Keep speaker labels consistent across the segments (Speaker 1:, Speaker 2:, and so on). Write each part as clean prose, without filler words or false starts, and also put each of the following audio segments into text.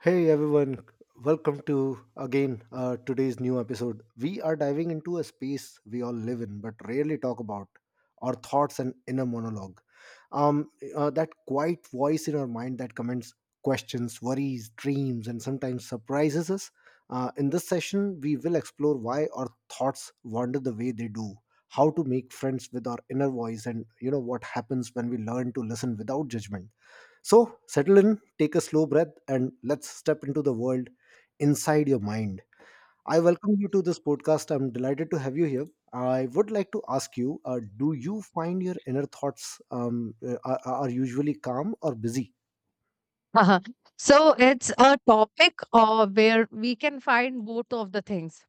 Speaker 1: Hey everyone, welcome to again today's new episode. We are diving into a space we all live in but rarely talk about our thoughts and inner monologue. Um, that quiet voice in our mind that comments, questions, worries, dreams, and sometimes surprises us. In this session, we will explore why our thoughts wander the way they do, how to make friends with our inner voice, and what happens when we learn to listen without judgment. So settle in, take a slow breath, and let's step into the world inside your mind. I welcome you to this podcast. I'm delighted to have you here. I would like to ask you, do you find your inner thoughts are usually calm or busy?
Speaker 2: Uh-huh. So it's a topic where we can find both of the things.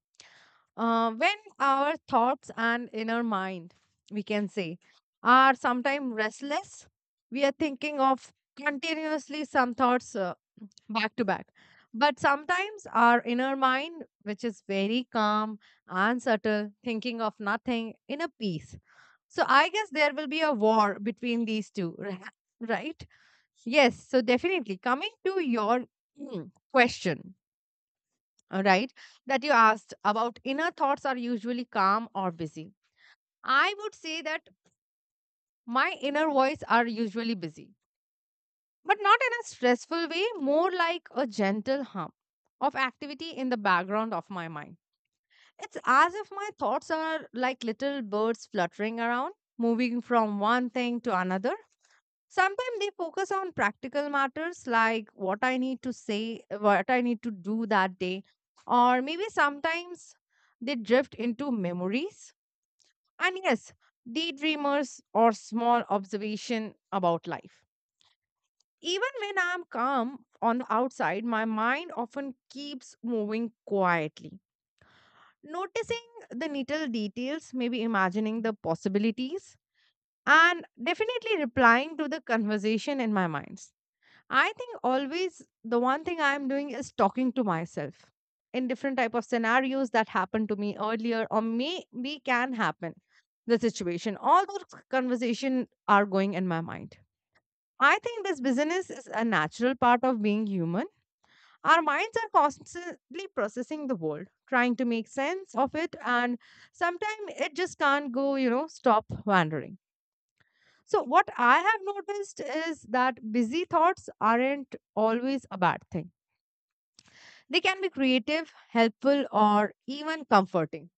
Speaker 2: When our thoughts and inner mind, we can say, are sometimes restless, we are thinking of continuously some thoughts back to back. But sometimes our inner mind, which is very calm and subtle, thinking of nothing in a peace. So I guess there will be a war between these two, right? Yes, so definitely coming to your question, all right, that you asked about inner thoughts are usually calm or busy. I would say that my inner voice are usually busy, but not in a stressful way, more like a gentle hum of activity in the background of my mind. It's as if my thoughts are like little birds fluttering around, moving from one thing to another. Sometimes they focus on practical matters like what I need to say, what I need to do that day, or maybe sometimes they drift into memories. And yes, daydreamers or small observation about life. Even when I'm calm on the outside, my mind often keeps moving quietly, noticing the little details, maybe imagining the possibilities, and definitely replying to the conversation in my mind. I think always the one thing I'm doing is talking to myself in different type of scenarios that happened to me earlier or maybe can happen the situation. All those conversation are going in my mind. I think this business is a natural part of being human. Our minds are constantly processing the world, trying to make sense of it, and sometimes it just can't go, you know, stop wandering. So, what I have noticed is that busy thoughts aren't always a bad thing. They can be creative, helpful, or even comforting.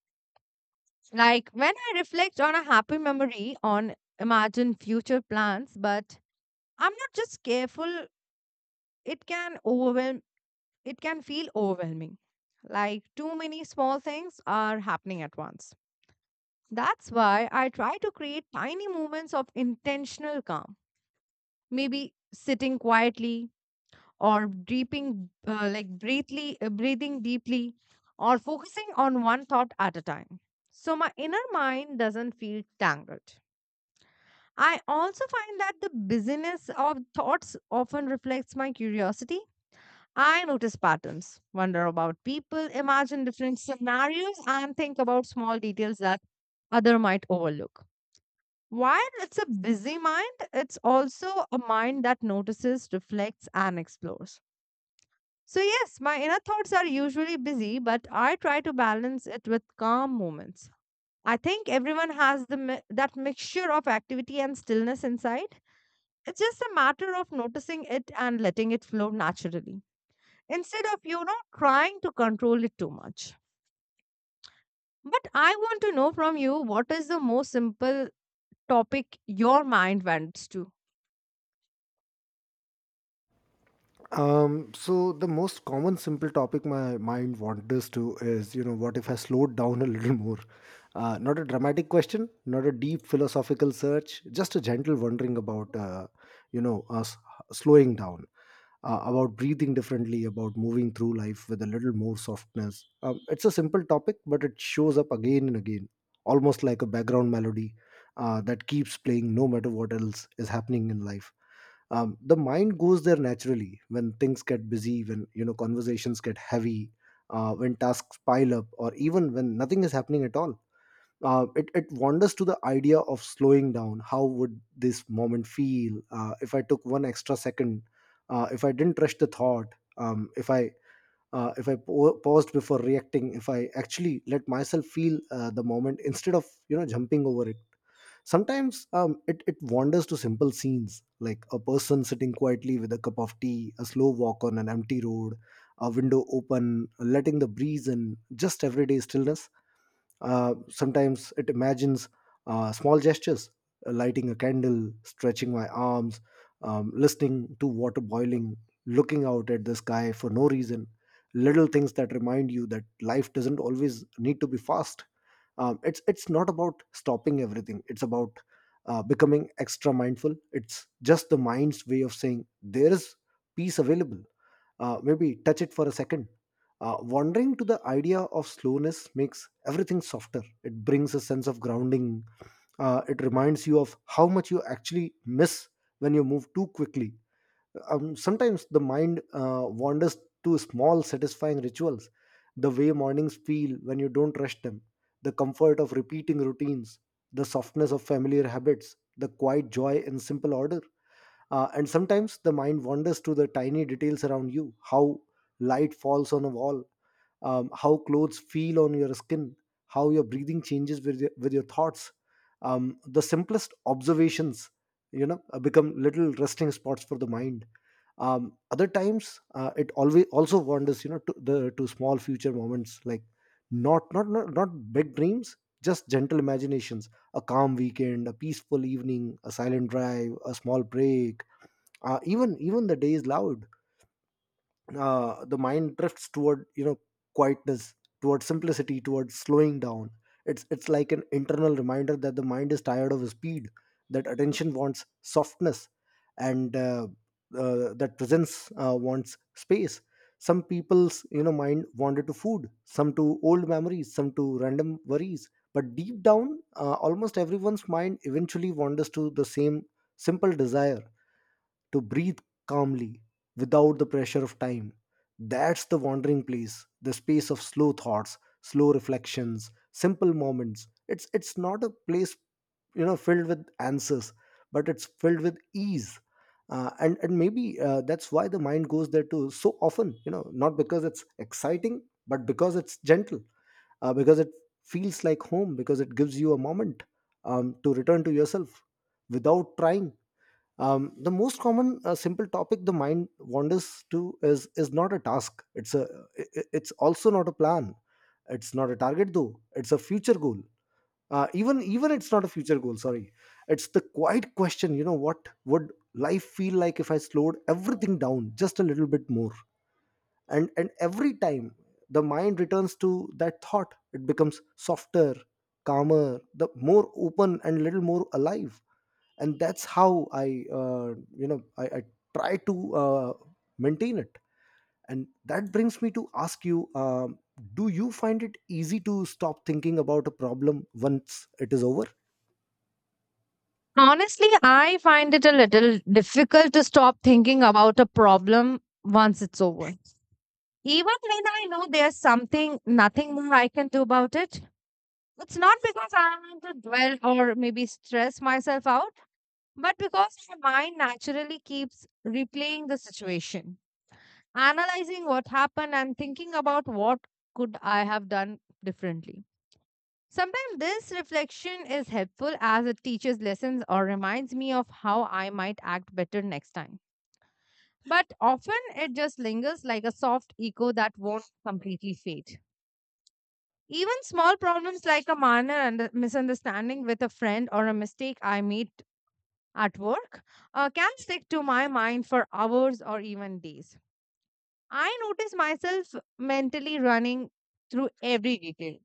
Speaker 2: Like when I reflect on a happy memory, on imagine future plans, but I'm not just careful, it can overwhelm, it can feel overwhelming. Like too many small things are happening at once. That's why I try to create tiny moments of intentional calm. Maybe sitting quietly, or deeping like breathly, breathing deeply or focusing on one thought at a time so my inner mind doesn't feel tangled. I also find that the busyness of thoughts often reflects my curiosity. I notice patterns, wonder about people, imagine different scenarios, and think about small details that other might overlook. While it's a busy mind, it's also a mind that notices, reflects, and explores. So, yes, my inner thoughts are usually busy, but I try to balance it with calm moments. I think everyone has that mixture of activity and stillness inside. It's just a matter of noticing it and letting it flow naturally instead of, you know, trying to control it too much. But I want to know from you, what is the most simple topic your mind went to?
Speaker 1: So the most common simple topic my mind wanders to is, you know, what if I slowed down a little more? Not a dramatic question, not a deep philosophical search, just a gentle wondering about, you know, us slowing down, about breathing differently, about moving through life with a little more softness. It's a simple topic, but it shows up again and again, almost like a background melody that keeps playing no matter what else is happening in life. The mind goes there naturally when things get busy, when, you know, conversations get heavy, when tasks pile up, or even when nothing is happening at all. It wanders to the idea of slowing down. How would this moment feel if I took one extra second, if I didn't rush the thought, um, if i if I pa- paused before reacting, if I actually let myself feel the moment instead of, jumping over it? Sometimes it wanders to simple scenes, like a person sitting quietly with a cup of tea, a slow walk on an empty road, a window open, letting the breeze in, just everyday stillness. Sometimes it imagines small gestures, lighting a candle, stretching my arms, listening to water boiling, looking out at the sky for no reason. Little things that remind you that life doesn't always need to be fast. It's not about stopping everything, it's about becoming extra mindful. It's just the mind's way of saying there is peace available. Maybe touch it for a second. Uh, wandering to the idea of slowness makes everything softer. It brings a sense of grounding. It reminds you of how much you actually miss when you move too quickly. Sometimes the mind wanders to small satisfying rituals, the way mornings feel when you don't rush them, the comfort of repeating routines, the softness of familiar habits, the quiet joy in simple order. And sometimes the mind wanders to the tiny details around you: how light falls on a wall, how clothes feel on your skin, how your breathing changes with your thoughts. The simplest observations, become little resting spots for the mind. Other times, it always also wanders, you know, to the to small future moments, like not not not not big dreams, just gentle imaginations. A calm weekend, a peaceful evening, a silent drive, a small break. Even the day is loud, the mind drifts toward, you know, quietness, towards simplicity, towards slowing down. It's like an internal reminder that the mind is tired of speed, that attention wants softness, and that presence wants space. Some people's, you know, mind wanted to food, some to old memories, some to random worries, but deep down, almost everyone's mind eventually wanders to the same simple desire: to breathe calmly without the pressure of time. That's the wandering place, the space of slow thoughts, slow reflections, simple moments. It's not a place, filled with answers, but it's filled with ease. And maybe that's why the mind goes there too so often. You know, not because it's exciting, but because it's gentle, because it feels like home, because it gives you a moment to return to yourself without trying. The most common simple topic the mind wanders to is not a task, it's it's also not a plan, it's not a target though it's a future goal. Even it's not a future goal, sorry, it's the quiet question, you know, what would life feel like if I slowed everything down just a little bit more? And every time the mind returns to that thought, it becomes softer, calmer, the more open and little more alive. And that's how I, I try to maintain it. And that brings me to ask you, do you find it easy to stop thinking about a problem once it is over?
Speaker 2: Honestly, I find it a little difficult to stop thinking about a problem once it's over. Even when I know there's something, nothing more I can do about it, it's not because I want to dwell or maybe stress myself out, but because my mind naturally keeps replaying the situation, analyzing what happened and thinking about what could I have done differently. Sometimes this reflection is helpful as it teaches lessons or reminds me of how I might act better next time. But often it just lingers like a soft echo that won't completely fade. Even small problems like a minor misunderstanding with a friend or a mistake I made at work can stick to my mind for hours or even days. I notice myself mentally running through every detail,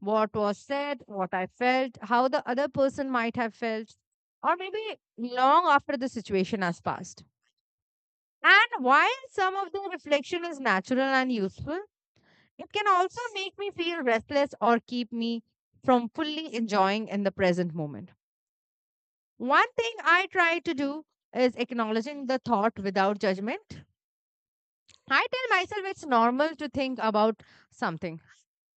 Speaker 2: what was said, what I felt, how the other person might have felt, or maybe long after the situation has passed. And while some of the reflection is natural and useful, it can also make me feel restless or keep me from fully enjoying in the present moment. One thing I try to do is acknowledging the thought without judgment. I tell myself it's normal to think about something,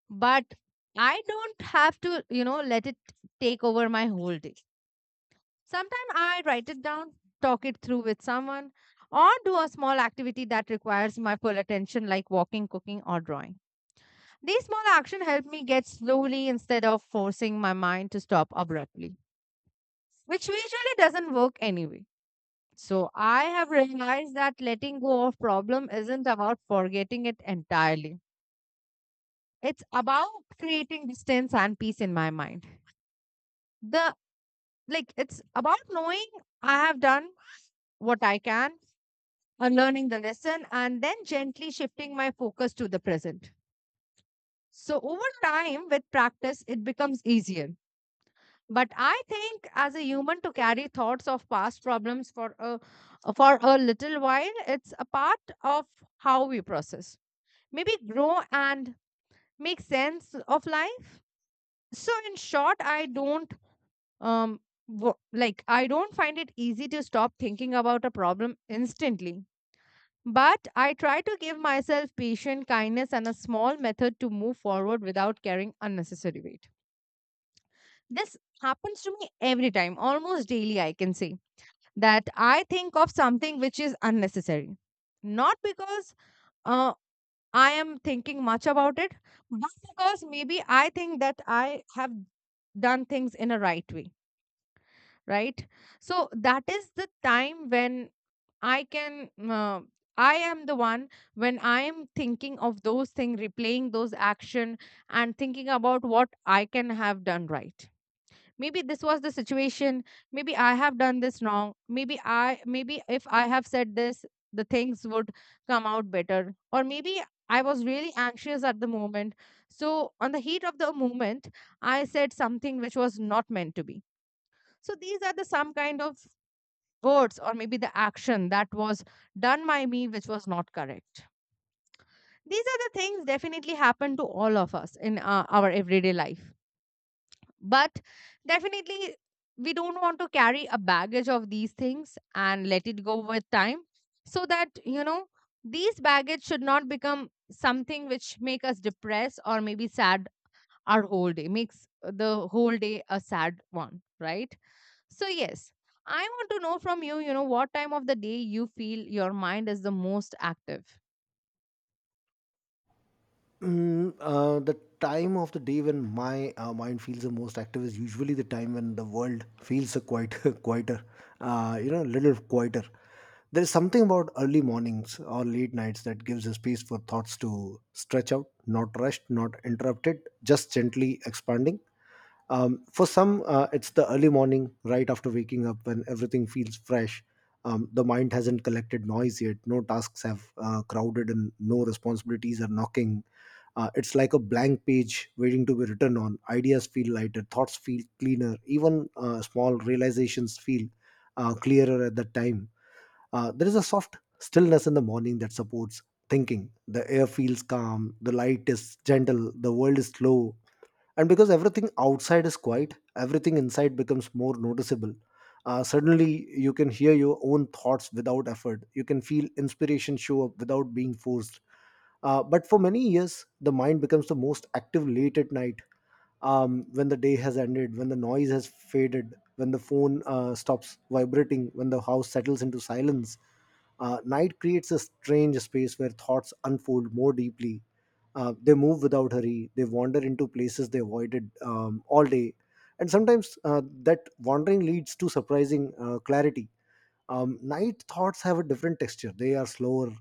Speaker 2: but I don't have to, you know, let it take over my whole day. Sometimes I write it down, talk it through with someone, or do a small activity that requires my full attention, like walking, cooking, or drawing. These small actions help me get slowly instead of forcing my mind to stop abruptly, which usually doesn't work anyway. So I have realized that letting go of problem isn't about forgetting it entirely. It's about creating distance and peace in my mind. The like it's about knowing I have done what I can, unlearning the lesson, and then gently shifting my focus to the present. So over time with practice, it becomes easier. But I think as a human to carry thoughts of past problems for a little while, it's a part of how we process. Maybe grow and make sense of life. So in short, I don't um like I don't find it easy to stop thinking about a problem instantly. But I try to give myself patience, kindness, and a small method to move forward without carrying unnecessary weight. This happens to me every time, almost daily, I can say that I think of something which is unnecessary. Not because uh, I am thinking much about it, but because maybe I think that I have done things in a right way, right? So that is the time when I can. I am the one when I am thinking of those things, replaying those action, and thinking about what I can have done right. Maybe this was the situation, maybe I have done this wrong, maybe if I have said this, the things would come out better, or maybe I was really anxious at the moment. So on the heat of the moment, I said something which was not meant to be. So these are the some kind of words or maybe the action that was done by me which was not correct. These are the things definitely happen to all of us in our everyday life. But definitely, we don't want to carry a baggage of these things and let it go with time so that, you know, these baggage should not become something which make us depressed or maybe sad our whole day, makes the whole day a sad one, right? So, yes, I want to know from you, you know, what time of the day you feel your mind is the most active.
Speaker 1: The time of the day when my mind feels the most active is usually the time when the world feels a quite quieter, you know, a little quieter. There is something about early mornings or late nights that gives a space for thoughts to stretch out, not rushed, not interrupted, just gently expanding. For some, it's the early morning, right after waking up, when everything feels fresh. The mind hasn't collected noise yet. No tasks have crowded, and no responsibilities are knocking. It's like a blank page waiting to be written on. Ideas feel lighter, thoughts feel cleaner, even small realizations feel clearer at that time. There is a soft stillness in the morning that supports thinking. The air feels calm, the light is gentle, the world is slow, and because everything outside is quiet, everything inside becomes more noticeable. Suddenly, you can hear your own thoughts without effort. You can feel inspiration show up without being forced. But for many years, the mind becomes the most active late at night, when the day has ended, when the noise has faded, when the phone stops vibrating, when the house settles into silence. Night creates a strange space where thoughts unfold more deeply. They move without hurry, they wander into places they avoided all day. And sometimes that wandering leads to surprising clarity. Night thoughts have a different texture. They are slower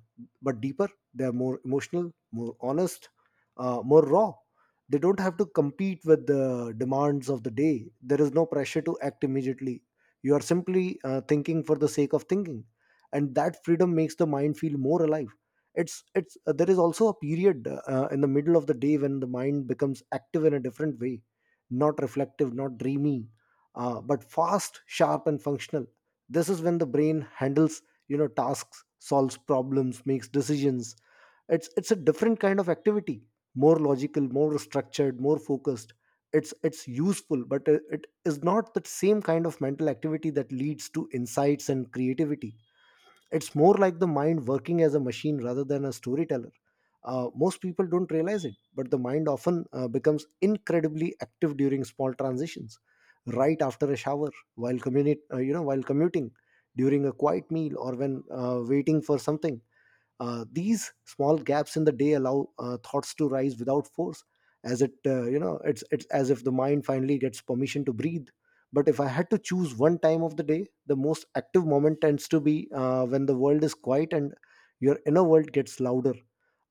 Speaker 1: but deeper. They are more emotional, more honest, more raw. They don't have to compete with the demands of the day. There is no pressure to act immediately. You are simply thinking for the sake of thinking, and that freedom makes the mind feel more alive. It's there is also a period in the middle of the day when the mind becomes active in a different way, not reflective, not dreamy, but fast, sharp, and functional. This is when the brain handles, you know, tasks, solves problems, makes decisions. It's a different kind of activity, more logical, more structured, more focused. It's useful, but it is not the same kind of mental activity that leads to insights and creativity. It's more like the mind working as a machine rather than a storyteller. Most people don't realize it, but the mind often becomes incredibly active during small transitions, right after a shower, while you know, while commuting, during a quiet meal, or when waiting for something. These small gaps in the day allow thoughts to rise without force, as it you know, it's as if the mind finally gets permission to breathe. But if I had to choose one time of the day, the most active moment tends to be when the world is quiet and your inner world gets louder,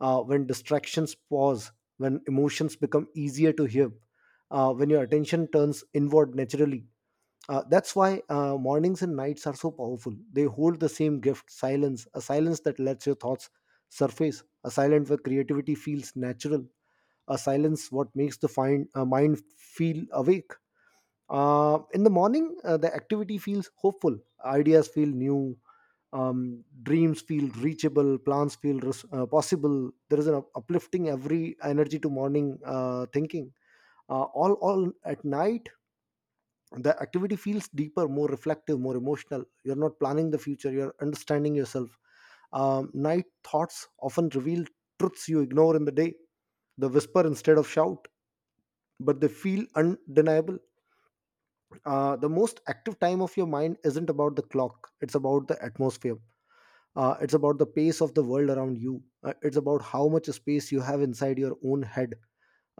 Speaker 1: when distractions pause, when emotions become easier to hear, when your attention turns inward naturally. That's why mornings and nights are so powerful. They hold the same gift: silence, a silence that lets your thoughts surface, a silence where creativity feels natural, a silence what makes the mind feel awake. In the morning, the activity feels hopeful, ideas feel new, dreams feel reachable, plans feel possible. There is an uplifting every energy to morning thinking. All at night, the activity feels deeper, more reflective, more emotional. You're not planning the future, you're understanding yourself. Night thoughts often reveal truths you ignore in the day, the whisper instead of shout, but they feel undeniable. The most active time of your mind isn't about the clock, it's about the atmosphere. It's about the pace of the world around you. It's about how much space you have inside your own head.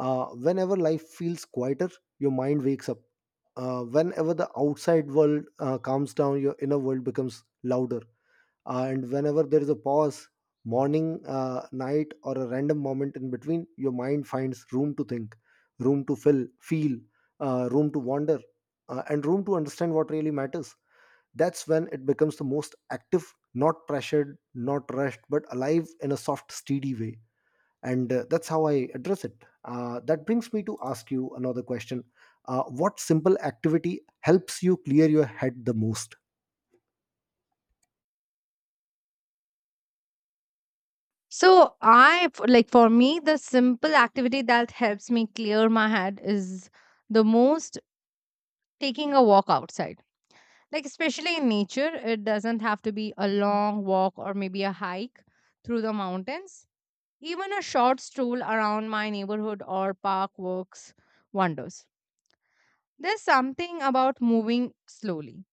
Speaker 1: Whenever life feels quieter, your mind wakes up. Whenever the outside world calms down, your inner world becomes louder. And whenever there is a pause, morning, night, or a random moment in between, your mind finds room to think, room to fill feel, room to wander, and room to understand what really matters. That's when it becomes the most active, not pressured, not rushed, but alive in a soft, steady way. And that's how I address it. That brings me to ask you another question. What simple activity helps you clear your head the most?
Speaker 2: So, like for me, the simple activity that helps me clear my head is the most taking a walk outside. Like especially in nature, it doesn't have to be a long walk or maybe a hike through the mountains. Even a short stroll around my neighborhood or park works wonders. There's something about moving slowly,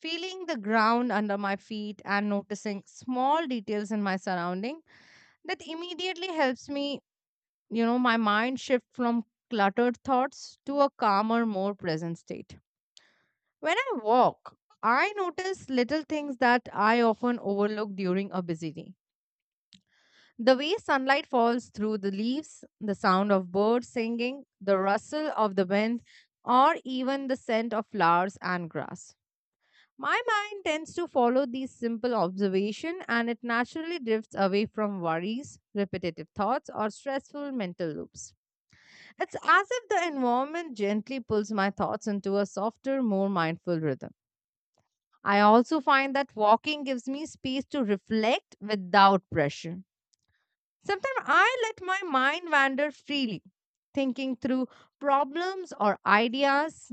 Speaker 2: feeling the ground under my feet and noticing small details in my surrounding that immediately helps me, you know, my mind shift from cluttered thoughts to a calmer, more present state. When I walk, I notice little things that I often overlook during a busy day. The way sunlight falls through the leaves, the sound of birds singing, the rustle of the wind, or even the scent of flowers and grass. My mind tends to follow these simple observations and it naturally drifts away from worries, repetitive thoughts, or stressful mental loops. It's as if the environment gently pulls my thoughts into a softer, more mindful rhythm. I also find that walking gives me space to reflect without pressure. Sometimes I let my mind wander freely, thinking through problems or ideas,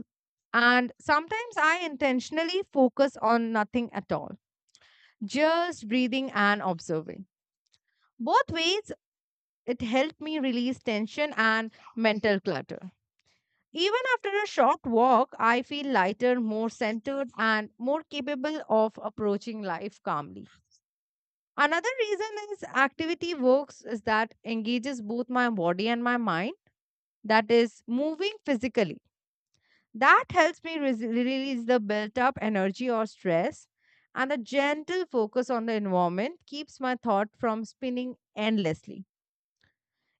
Speaker 2: and sometimes I intentionally focus on nothing at all, just breathing and observing. Both ways, it helped me release tension and mental clutter. Even after a short walk, I feel lighter, more centered, and more capable of approaching life calmly. Another reason is activity works is that engages both my body and my mind, that is, moving physically. That helps me release the built up energy or stress. And the gentle focus on the environment keeps my thought from spinning endlessly.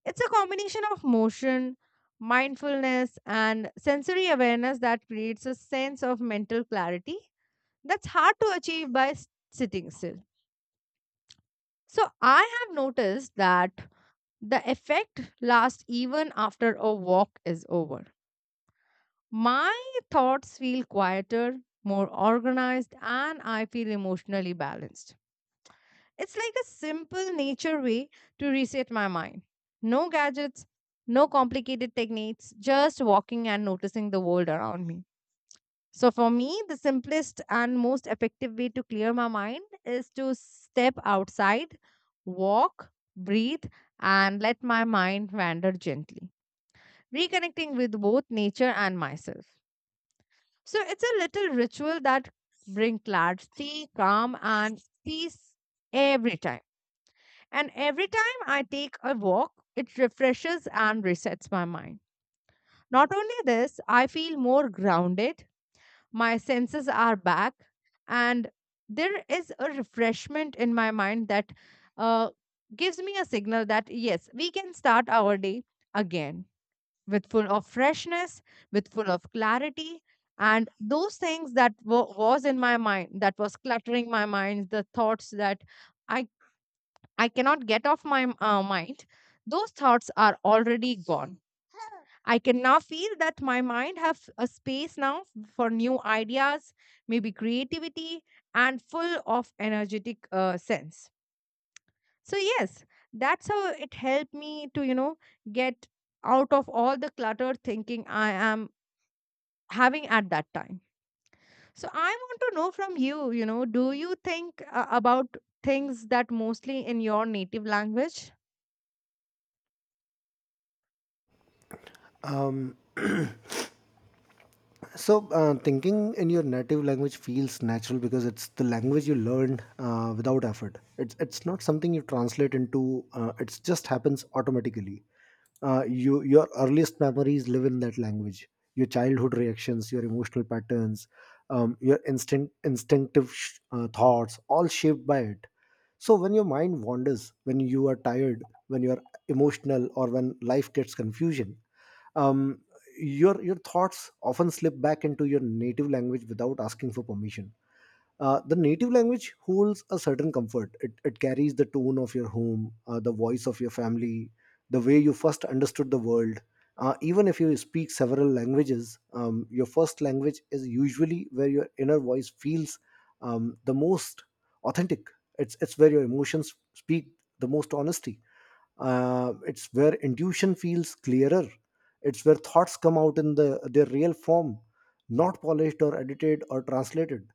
Speaker 2: It's a combination of motion, mindfulness, and sensory awareness that creates a sense of mental clarity that's hard to achieve by sitting still. So, I have noticed that the effect lasts even after a walk is over. My thoughts feel quieter, more organized, and I feel emotionally balanced. It's like a simple nature way to reset my mind. No gadgets, no complicated techniques, just walking and noticing the world around me. So, for me, the simplest and most effective way to clear my mind is to step outside, walk, breathe, and let my mind wander gently, reconnecting with both nature and myself. So it's a little ritual that bring clarity, calm, and peace every time. And every time I take a walk, it refreshes and resets my mind. Not only this, I feel more grounded, my senses are back, and there is a refreshment in my mind that uh, gives me a signal that yes, we can start our day again, with full of freshness, with full of clarity. And those things that was in my mind, that was cluttering my mind, the thoughts that I I cannot get off my mind, those thoughts are already gone. I can now feel that my mind have a space now for new ideas, maybe creativity, and full of energetic sense. So yes, that's how it helped me to get out of all the cluttered thinking I am having at that time. So I want to know from you, you know, do you think about things that mostly in your native language?
Speaker 1: um, So, thinking in your native language feels natural because it's the language you learned without effort. It's not something you translate into. It just happens automatically. Your earliest memories live in that language. Your childhood reactions, your emotional patterns, your instinctive thoughts, all shaped by it. So when your mind wanders, when you are tired, when you are emotional, or when life gets confusion, um, your thoughts often slip back into your native language without asking for permission. The native language holds a certain comfort. It carries the tone of your home, the voice of your family, the way you first understood the world. Even if you speak several languages, your first language is usually where your inner voice feels the most authentic. It's where your emotions speak the most honesty. It's where intuition feels clearer. It's where thoughts come out in their real form, not polished or edited or translated.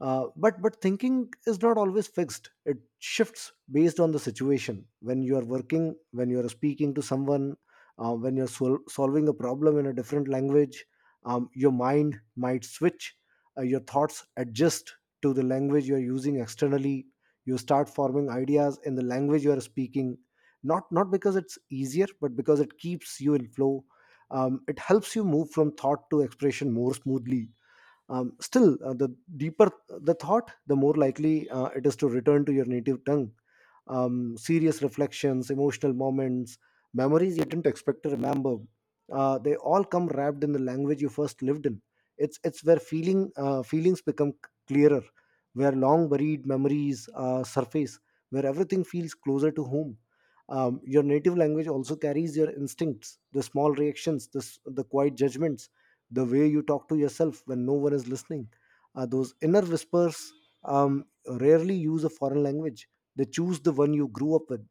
Speaker 1: But thinking is not always fixed. It shifts based on the situation. When you are working, when you are speaking to someone, when you're solving a problem in a different language, your mind might switch. Your thoughts adjust to the language you are using externally. You start forming ideas in the language you are speaking, not because it's easier, but because it keeps you in flow. It helps you move from thought to expression more smoothly. Still, the deeper the thought, the more likely it is to return to your native tongue. Serious reflections, emotional moments, memories you didn't expect to remember. They all come wrapped in the language you first lived in. It's where feelings become clearer, where long buried memories surface, where everything feels closer to home. Your native language also carries your instincts, the small reactions, the quiet judgments, the way you talk to yourself when no one is listening. Those inner whispers rarely use a foreign language. They choose the one you grew up with,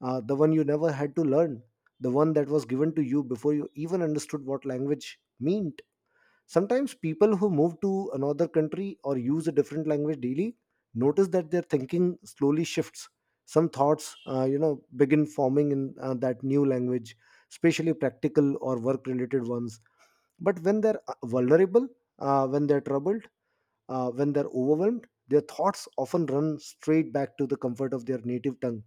Speaker 1: the one you never had to learn, the one that was given to you before you even understood what language meant. Sometimes people who move to another country or use a different language daily notice that their thinking slowly shifts. Some thoughts, begin forming in that new language, especially practical or work-related ones. But when they're vulnerable, when they're troubled, when they're overwhelmed, their thoughts often run straight back to the comfort of their native tongue.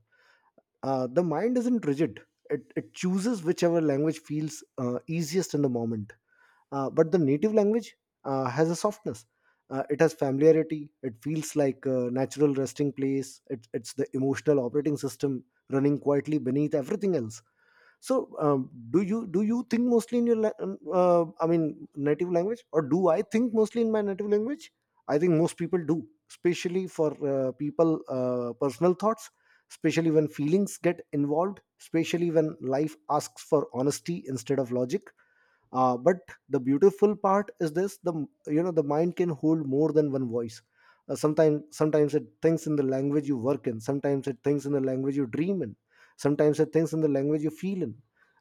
Speaker 1: The mind isn't rigid. It chooses whichever language feels easiest in the moment. But the native language has a softness. It has familiarity. It feels like a natural resting place. It's the emotional operating system running quietly beneath everything else. So, do you think mostly in your I mean, native language, or do I think mostly in my native language? I think most people do, especially for people personal thoughts, especially when feelings get involved, especially when life asks for honesty instead of logic. But the beautiful part is this: the you know the mind can hold more than one voice. Sometimes it thinks in the language you work in, sometimes it thinks in the language you dream in, sometimes it thinks in the language you feel in,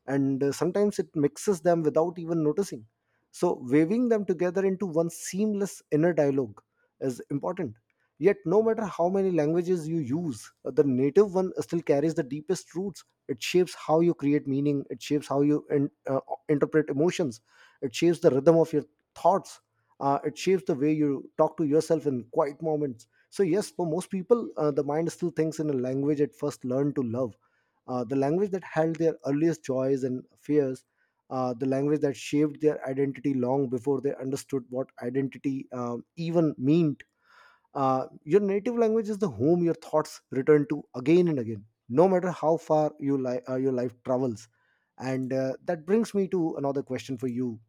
Speaker 1: and sometimes it mixes them without even noticing. So, waving them together into one seamless inner dialogue is important. Yet no matter how many languages you use, the native one still carries the deepest roots. It shapes how you create meaning, it shapes how you interpret emotions, it shapes the rhythm of your thoughts. It shapes the way you talk to yourself in quiet moments. So, yes, for most people, the mind still thinks in a language it first learned to love, the language that held their earliest joys and fears, the language that shaped their identity long before they understood what identity even meant. Your native language is the home your thoughts return to again and again, no matter how far your life travels. And that brings me to another question for you.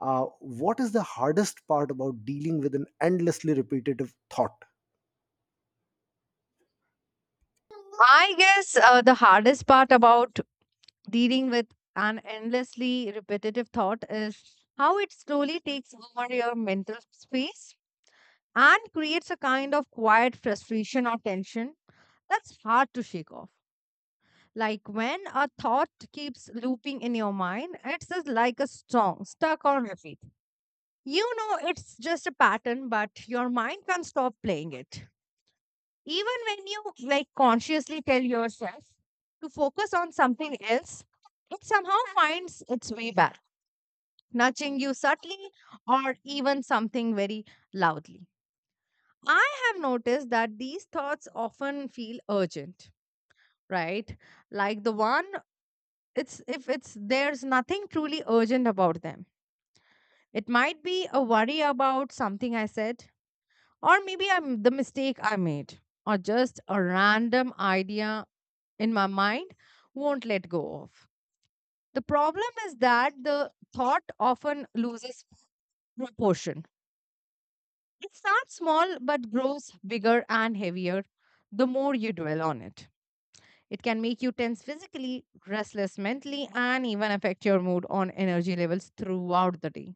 Speaker 1: What is the hardest part about dealing with an endlessly repetitive thought?
Speaker 2: I guess the hardest part about dealing with an endlessly repetitive thought is how it slowly takes over your mental space and creates a kind of quiet frustration or tension that's hard to shake off. Like when a thought keeps looping in your mind, it's just like a song stuck on repeat. You know, it's just a pattern, but your mind can't stop playing it. Even when you like consciously tell yourself to focus on something else, it somehow finds its way back, nudging you subtly or even something very loudly. I have noticed that these thoughts often feel urgent, right? Like the one it's if it's there's nothing truly urgent about them. It might be a worry about something I said, or maybe I'm the mistake I made, or just a random idea in my mind won't let go of. The problem is that the thought often loses proportion. It starts small but grows bigger and heavier the more you dwell on it. It can make you tense physically, restless mentally, and even affect your mood on energy levels throughout the day.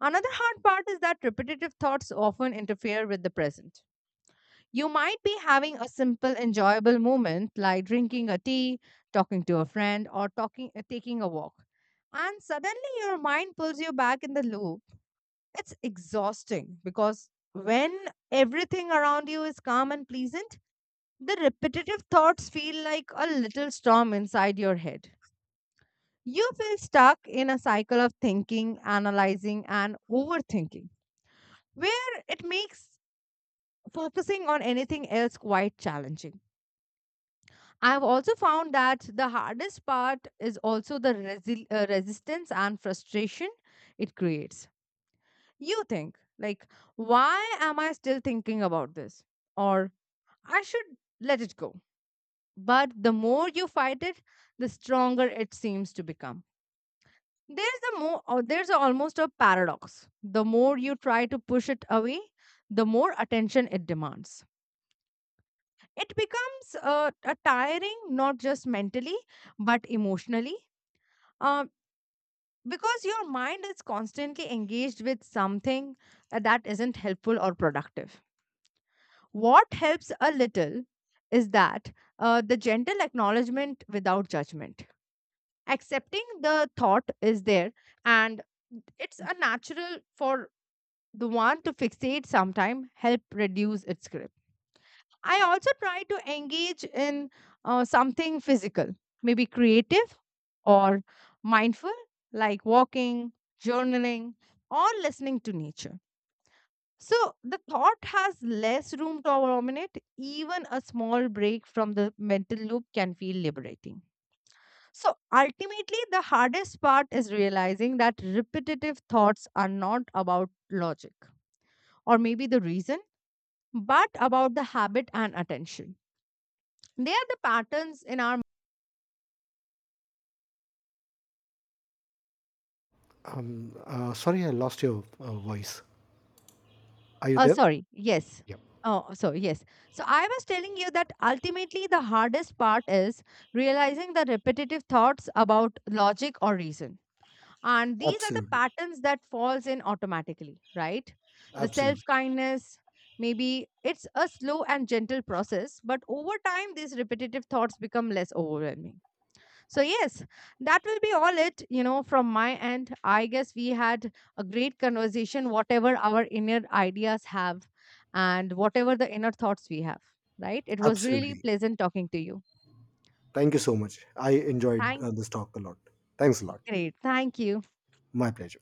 Speaker 2: Another hard part is that repetitive thoughts often interfere with the present. You might be having a simple, enjoyable moment like drinking a tea, talking to a friend, or taking a walk. And suddenly your mind pulls you back in the loop. It's exhausting because when everything around you is calm and pleasant, the repetitive thoughts feel like a little storm inside your head. You feel stuck in a cycle of thinking, analyzing, and overthinking, where it makes focusing on anything else quite challenging. I've also found that the hardest part is also the resistance and frustration it creates. You think, like, why am I still thinking about this? Or I should let it go. But the more you fight it, the stronger it seems to become. There's the more or there's almost a paradox. The more you try to push it away, the more attention it demands. It becomes a tiring, not just mentally, but emotionally. Um, because your mind is constantly engaged with something that isn't helpful or productive. What helps a little is that the gentle acknowledgement without judgment. Accepting the thought is there, and it's a natural for the one to fixate sometime help reduce its grip. I also try to engage in something physical, maybe creative or mindful, like walking, journaling, or listening to nature. So the thought has less room to dominate. Even a small break from the mental loop can feel liberating. So ultimately, the hardest part is realizing that repetitive thoughts are not about logic or maybe the reason, but about the habit and attention. They are the patterns in our.
Speaker 1: Sorry, I lost your voice. Are you
Speaker 2: Oh,
Speaker 1: there?
Speaker 2: sorry. Yes.
Speaker 1: Yeah.
Speaker 2: Oh, so yes. So I was telling you that ultimately the hardest part is realizing the repetitive thoughts about logic or reason. And these are the
Speaker 1: Absolutely,
Speaker 2: patterns that falls in automatically, right? The
Speaker 1: absolutely.
Speaker 2: self-kindness, maybe it's a slow and gentle process, but over time these repetitive thoughts become less overwhelming. So, yes, that will be all it, you know, from my end. I guess we had a great conversation, whatever our inner ideas have and whatever the inner thoughts we have, right? It was really
Speaker 1: Absolutely.
Speaker 2: pleasant talking to you.
Speaker 1: Thank you so much. I enjoyed
Speaker 2: Thank.
Speaker 1: this talk a lot. Thanks a lot.
Speaker 2: Great. Thank you.
Speaker 1: My pleasure.